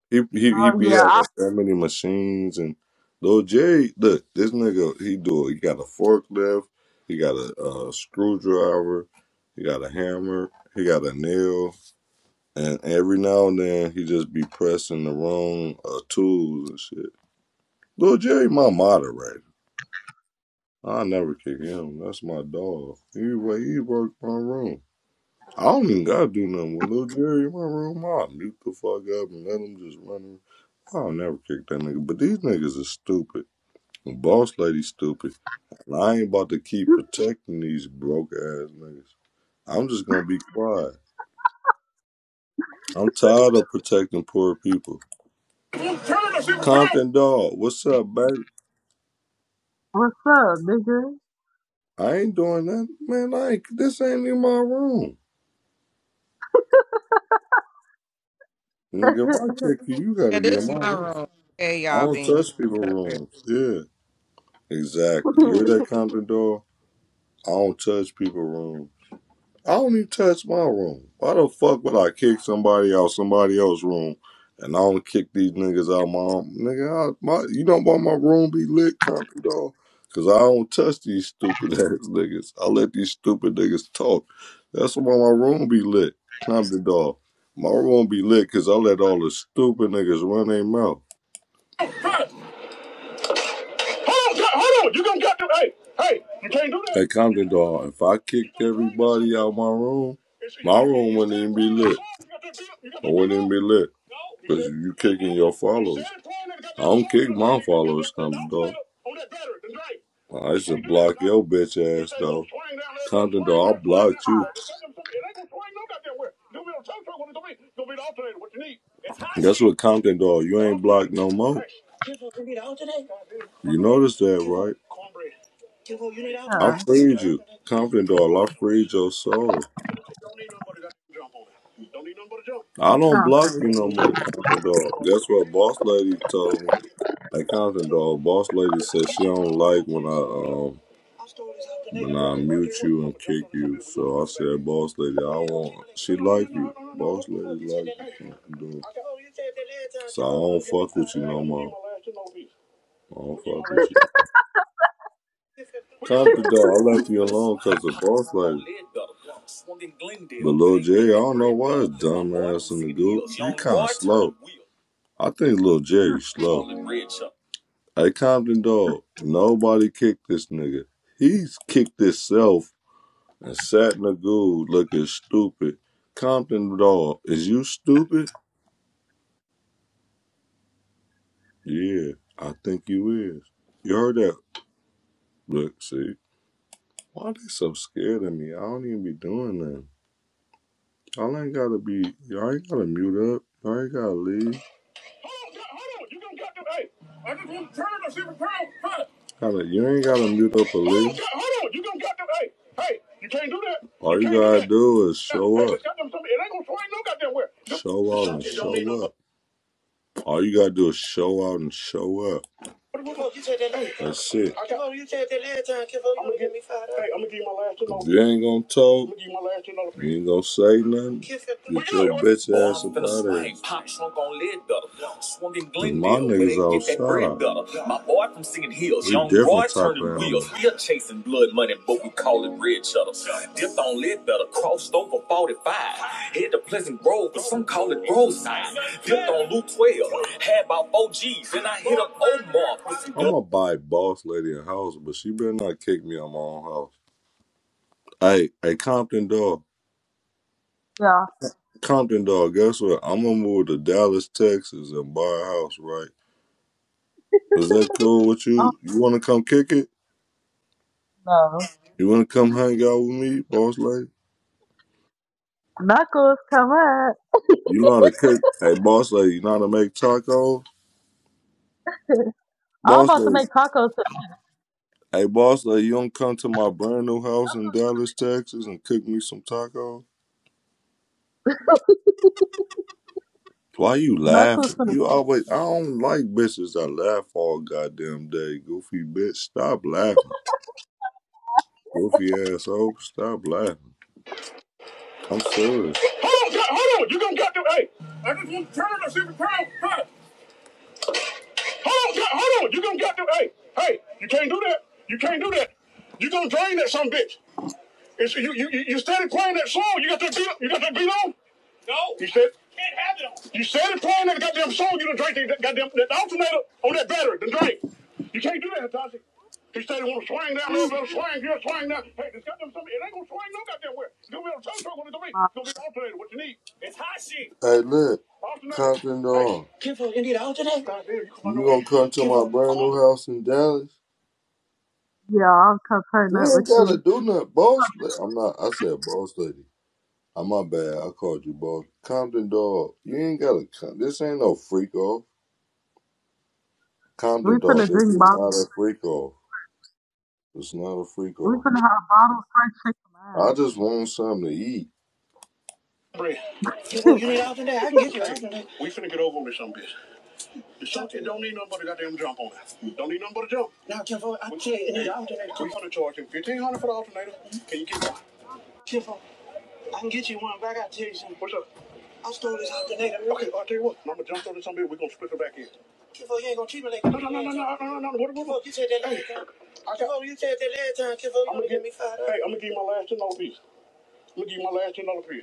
[SPEAKER 3] He he he
[SPEAKER 5] oh
[SPEAKER 3] be
[SPEAKER 5] yeah.
[SPEAKER 3] having
[SPEAKER 5] I,
[SPEAKER 3] so many machines and though Jerry look this nigga he do it. He got a forklift, he got a, uh screwdriver, he got a hammer, he got a nail, and every now and then he just be pressing the wrong uh, tools and shit. Lil Jerry, my moderator. I never kick him. That's my dog. He wa- he worked my room. I don't even gotta do nothing with Lil Jerry in my room. I mute the fuck up and let him just run I'll never kick that nigga. But these niggas are stupid. And boss lady stupid. And I ain't about to keep protecting these broke ass niggas. I'm just gonna be quiet. I'm tired of protecting poor people. Compton dog, what's up, baby?
[SPEAKER 5] what's up, nigga?
[SPEAKER 3] I ain't doing that, man. I ain't, this ain't in my room, nigga. If I kick you, you gotta
[SPEAKER 1] Yeah,
[SPEAKER 3] be in
[SPEAKER 1] this
[SPEAKER 3] my
[SPEAKER 1] is my
[SPEAKER 3] room.
[SPEAKER 1] room. Hey,
[SPEAKER 3] I
[SPEAKER 1] y'all
[SPEAKER 3] don't
[SPEAKER 1] beans.
[SPEAKER 3] touch
[SPEAKER 1] I get
[SPEAKER 3] people's
[SPEAKER 1] up here.
[SPEAKER 3] rooms. Yeah, exactly. You're that Compton dog. I don't touch people's rooms. I don't even touch my room. Why the fuck would I kick somebody out somebody else's room and I don't kick these niggas out my own? Nigga, I, my, you don't want my room be lit, country dog. Cause I don't touch these stupid ass niggas. I let these stupid niggas talk. That's why my room be lit, country dog. My room be lit cause I let all the stupid niggas run their mouth. Hold on, hold on. You gonna cut the hey, hey, you can't do that. Hey Compton dog, if I kicked everybody out my room, my room wouldn't even be lit. It wouldn't even be lit. Cause you kicking your followers. I don't kick my followers, Compton dog. I used to block your bitch ass though. Compton dog, I blocked you. Guess what, Compton dog, you ain't blocked no more. You notice that, right? I
[SPEAKER 5] yeah,
[SPEAKER 3] freed you. Confident dog. I freed your soul. I don't
[SPEAKER 5] sound
[SPEAKER 3] block
[SPEAKER 5] crazy.
[SPEAKER 3] you no more, Confident Dog. That's what Boss Lady told me. Hey, Confident Dog, Boss Lady said she don't like when I um when I mute you and kick you. So I said, Boss Lady, I want. She like you. Boss Lady like you. Confident Dog. So I don't fuck with you no more. I don't fuck with you. Top the dog. I left you alone because the boss like but Lil Jerry. I don't know why it's dumbass in the dude. He kind of slow. I think Lil Jerry slow. Hey Compton dog. Nobody kicked this nigga. He's kicked himself and sat in the goo looking stupid. Compton dog. Is you stupid? Yeah, I think you is. You heard that? Look, see. Why they so scared of me? I don't even be doing that. Y'all ain't gotta be. Y'all ain't gotta mute up. Y'all ain't gotta leave. Hold on, hold on. You don't got to. Hey, I just want to turn and see if it's turn. Turn. Tyler, you ain't gotta mute the Hold on, police. hold on. You don't got to. Hey, hey, you can't do that. All you can gotta that. do is Now, hey, show now, up. It ain't gonna swing no goddamn where. Show up, and no. show up. All you gotta do is show out and show up. What the fuck? You said that last time. That's it. I got, you said that last time, Kifo. You give me five dollars. Hey, I'm gonna give you my last two dollars. If you ain't gonna I'm talk, I'm gonna give you my last two dollars. you ain't gonna say nothing. Get you your doing? bitch ass up out of slang. here. Pop slunk on lead better. Swung in Cause my niggas all get that My boy from singing hills. We different type of wheels. Still chasing blood money, but we call it red cheddar. Dipped on lead crossed over 45. Head to Pleasant Grove, but some call it roadside. Dipped on Loop 12, had about 4 G's, and I hit up Omar. I'm gonna buy Boss Lady a house, but she better not kick me out my own house. Hey, hey, Compton dog,
[SPEAKER 5] Yeah.
[SPEAKER 3] Compton dog. Guess what? I'm gonna move to Dallas, Texas, and buy a house. Right? Is that cool with
[SPEAKER 5] Oh
[SPEAKER 3] you? You wanna come kick it?
[SPEAKER 5] no.
[SPEAKER 3] You wanna come hang out with me, Boss Lady?
[SPEAKER 5] Knuckles, come on.
[SPEAKER 3] You know how to cook. Hey, boss lady, you know how to make tacos?
[SPEAKER 5] I'm
[SPEAKER 3] Boss
[SPEAKER 5] about to
[SPEAKER 3] lady,
[SPEAKER 5] make tacos.
[SPEAKER 3] hey, boss lady, you don't come to my brand new house in Dallas, Texas and cook me some tacos? Why you
[SPEAKER 5] Knuckles
[SPEAKER 3] laughing?
[SPEAKER 5] for the
[SPEAKER 3] You always, I don't like bitches that laugh all goddamn day. Goofy bitch, stop laughing. Goofy asshole, stop laughing. I'm serious. Hold on, God, hold on. You gonna get to, hey, I just want to turn and see if the crowd quiet. Hold on, God, hold on. You gonna get to, hey, hey, you can't do that. You can't do that. You gonna drain that some bitch. And so you, you, you you started playing that song. You got that beat. You got that beat on. He said you started playing that goddamn song. You done drank that goddamn that alternator on that battery. Done drink. You can't do that, Hitachi. He said he want to swing down there,
[SPEAKER 5] food.
[SPEAKER 3] let swing here, swing down. Hey, this goddamn something, it ain't gonna swing no goddamn where. It's gonna be on a tow truck when it's gonna be.
[SPEAKER 5] Uh,
[SPEAKER 3] It's gonna be an alternator. What you need? Hey, look, Alternator. Compton Hey, you gonna come to my brand new house in Dallas?
[SPEAKER 5] Yeah, I'll come turn
[SPEAKER 3] You
[SPEAKER 5] up with
[SPEAKER 3] ain't gotta
[SPEAKER 5] you.
[SPEAKER 3] do nothing, boss. la- I'm not. I said boss lady. Oh, my bad. I called you, boss. Compton dog. You ain't got to come. This ain't no freak off.
[SPEAKER 5] We
[SPEAKER 3] Compton dog.
[SPEAKER 5] finna
[SPEAKER 3] This
[SPEAKER 5] drink
[SPEAKER 3] is
[SPEAKER 5] bottles.
[SPEAKER 3] not a freak off. It's not a freak
[SPEAKER 5] We
[SPEAKER 3] off.
[SPEAKER 5] finna have bottles fried chicken. Man.
[SPEAKER 3] I just want something to eat. Bread. You,
[SPEAKER 5] you
[SPEAKER 3] want- you need out today? I can get you out today. We finna get over with some bitch. The something don't need nobody goddamn jump on it. Don't need nothing but a jump. Now, Tiffo, I tell you, it need an alternator. We gonna charge him fifteen hundred for the alternator. Can you get one? Tiffo. I can get you one, but I gotta tell you something. What's up? I stole this alternator. Okay, I'll tell you what. I'm gonna jump through this on here. We're gonna split it back in. Kifo, you ain't gonna treat me like that. No, no, no, no, no, no, no, no. What, what, what? Kifo, you said that last time. Kifo, you said that last time. Kifo, you only give me five. dollars. Hey, I'm gonna give you my last ten dollar piece. I'm gonna give you my last ten dollar piece.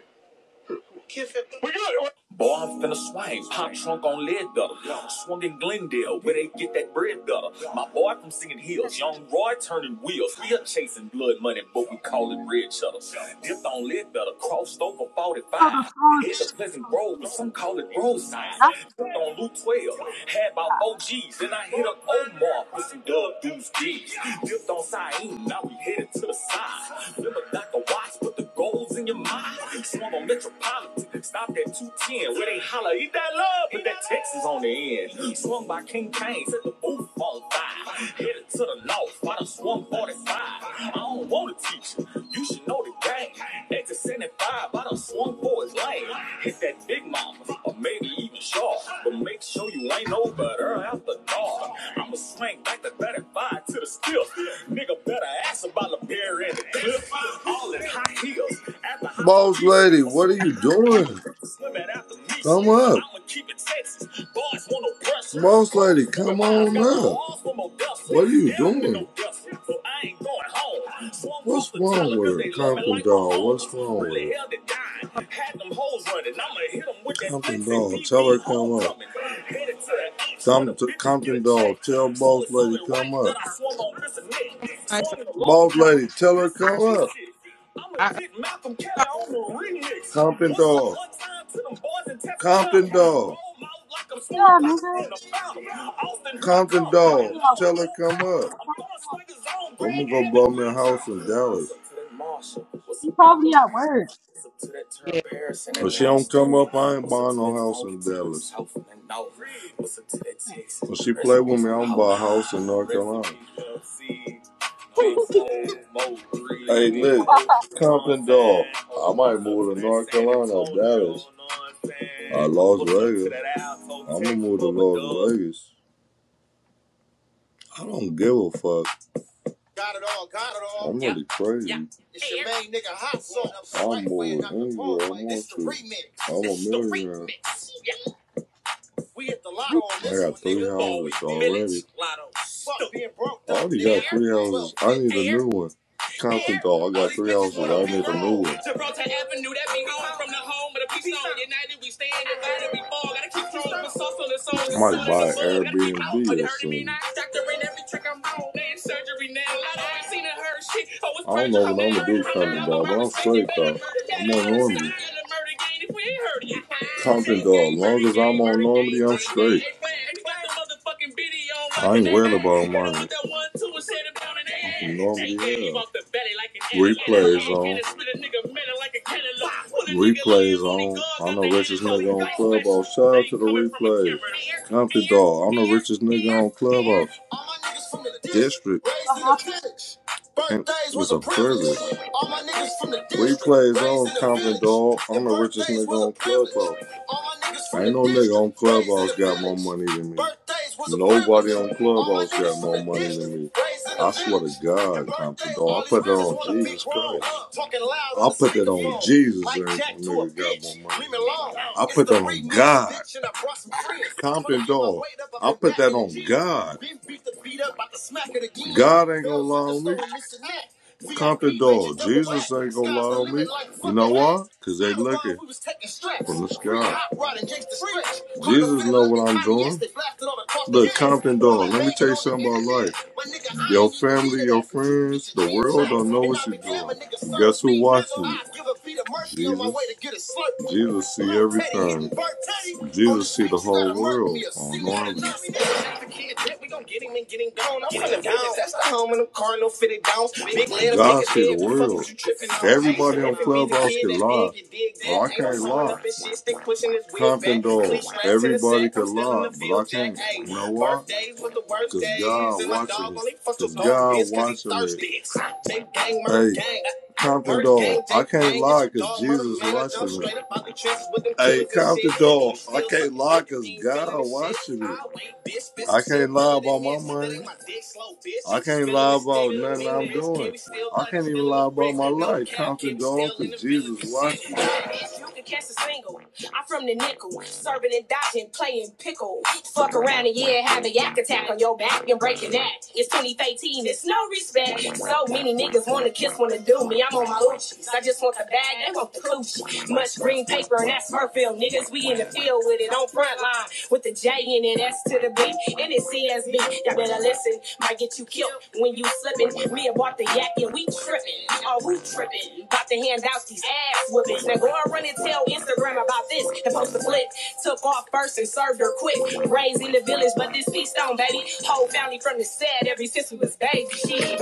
[SPEAKER 3] Kiss it. We good. Boy, I'm finna swipe. Pop trunk on lead gutter. Swung in Glendale, where they get that bread gutter. My boy from Singing Hills, young Roy turning wheels. We are chasing blood money, but we call it red shutters. Dipped on lead gutter, crossed over
[SPEAKER 5] know
[SPEAKER 3] 45.
[SPEAKER 5] the food.
[SPEAKER 3] It's a pleasant road, but some call it roadside. sign.
[SPEAKER 5] That's
[SPEAKER 3] on Loop 12, had about four G's. Then I hit up Omar with some dub deuce G's. Dipped on Syene, now we headed to the side. Flip a Dr. Watch, put the goals in your mind. Swung on Metropolitan, stopped at 210, where they holler, eat that love. that Texas on the end. Swung by King Kane, set the booth on fire. Headed to the north, by the swung 45. I don't want to teach you, you should know the game. Exit 75, by the swung for his lane. Hit that big mama, or maybe even sharp. But make sure you ain't no better after dark. I'ma swing back the 35 to the still. Nigga better ask about the beer in the clip. Boss lady, what are you doing? Come up. Boss lady, come on up. What are you doing? What's wrong with her? Compton dog, what's wrong with her? Had them hoes running. I'ma hit them with that Compton dog, tell her come up. Compton, Compton dog, tell boss lady come up.
[SPEAKER 1] Nice.
[SPEAKER 3] Boss lady, tell her come up. I'ma
[SPEAKER 1] I,
[SPEAKER 3] get Malcolm Kelly
[SPEAKER 1] I-
[SPEAKER 3] on the remix. Compton dog. Compton dog.
[SPEAKER 5] yeah, nigga.
[SPEAKER 3] Compton
[SPEAKER 5] Oh,
[SPEAKER 3] dog,
[SPEAKER 5] yeah.
[SPEAKER 3] tell her come up. I'm gonna go blow me a house in Dallas.
[SPEAKER 5] He probably at work.
[SPEAKER 1] yeah.
[SPEAKER 3] But she don't come up. I ain't buying no house in Dallas. When she play with me, I'm buy a house in North Carolina. Hey, look, Compton dog. I might move to North Carolina, or Dallas, I Las Vegas. I'm gonna move to Las Vegas. I don't give a fuck. Got it all, got it all. I'm Yeah, really yeah. crazy. yeah. It's your main nigga hot sauce. I'm I'm swipe way, more not the anywhere wrong I way. This want the remix. I'm the remix. We hit the lotto
[SPEAKER 5] Reach
[SPEAKER 3] on I this got one, nigga. I got three houses already. I only got three ounces. I need a new one. Compton dog. I got three ounces. I need a new one. I might buy an Airbnb it or something. i don't know what I'm gonna hurting. do, My Compton dog, but I'm straight better though. murder, got I'm not normal again if we ain't heard you. Compton dog. Long as I'm on Normandy, I'm straight. I ain't worried about money. Normally, yeah. Replays on. Replays on. I'm the richest nigga on Clubhouse. Shout out to the replays. Compton dog. I'm the richest nigga on Clubhouse district.
[SPEAKER 5] out.
[SPEAKER 3] And it was a privilege. We plays on Compton Dog. I'm the richest nigga on Clubhouse. Ain't no nigga on Clubhouse got more money than me. Nobody on Clubhouse got more money than me. I swear to God, Compton Dog. I put that on Jesus Christ. I put that on Jesus. Mic right? I put that on God. Compton dog. I put that on God. God ain't gonna lie on me. Compton dog. Jesus ain't gonna lie on me. You know why? Cause they looking from the sky. Jesus know what I'm doing. Look, Compton dog. Let me tell you something about life. Your family, your friends, the world don't know what you're doing. Guess who watching you? Jesus. Jesus see everything. Jesus see the whole world on God see the world. Everybody on Clubhouse can lie. But I can't lie. Compton dog. Everybody can lie, but I can't. You know why? Because God watching it. Because God watching it. Hey. Compton Dog. I can't lie because Jesus watching me. Hey, Compton Dog. I can't lie because God watching me. can't lie about my money. I can't lie about nothing I'm doing. I can't even lie about my No life. cap, can Compton Dog because Jesus watching me. catch a single. I'm from the nickel, serving and dodging, playing pickle. Fuck around and yeah, have a yak attack on your back and break your neck. It's 2018. it's no respect. So many niggas Niggas wanna kiss, wanna do me. I'm on my Uchis. I just want the bag, they want the coochie. Much green paper and that's Smurfville. Niggas, we in the field with it on front line. With the J in it, S to the B. And it's CSB. Y'all better listen. Might get you killed when you slippin'. Me about the yak and we trippin'. Oh, we trippin'. About to hand out these ass whoopings. Now go and run and tell Instagram about this. The post the flick. Took off first and served her quick. Raised in the village, but this feast on, baby. Whole family from the set ever since we was baby. Shit.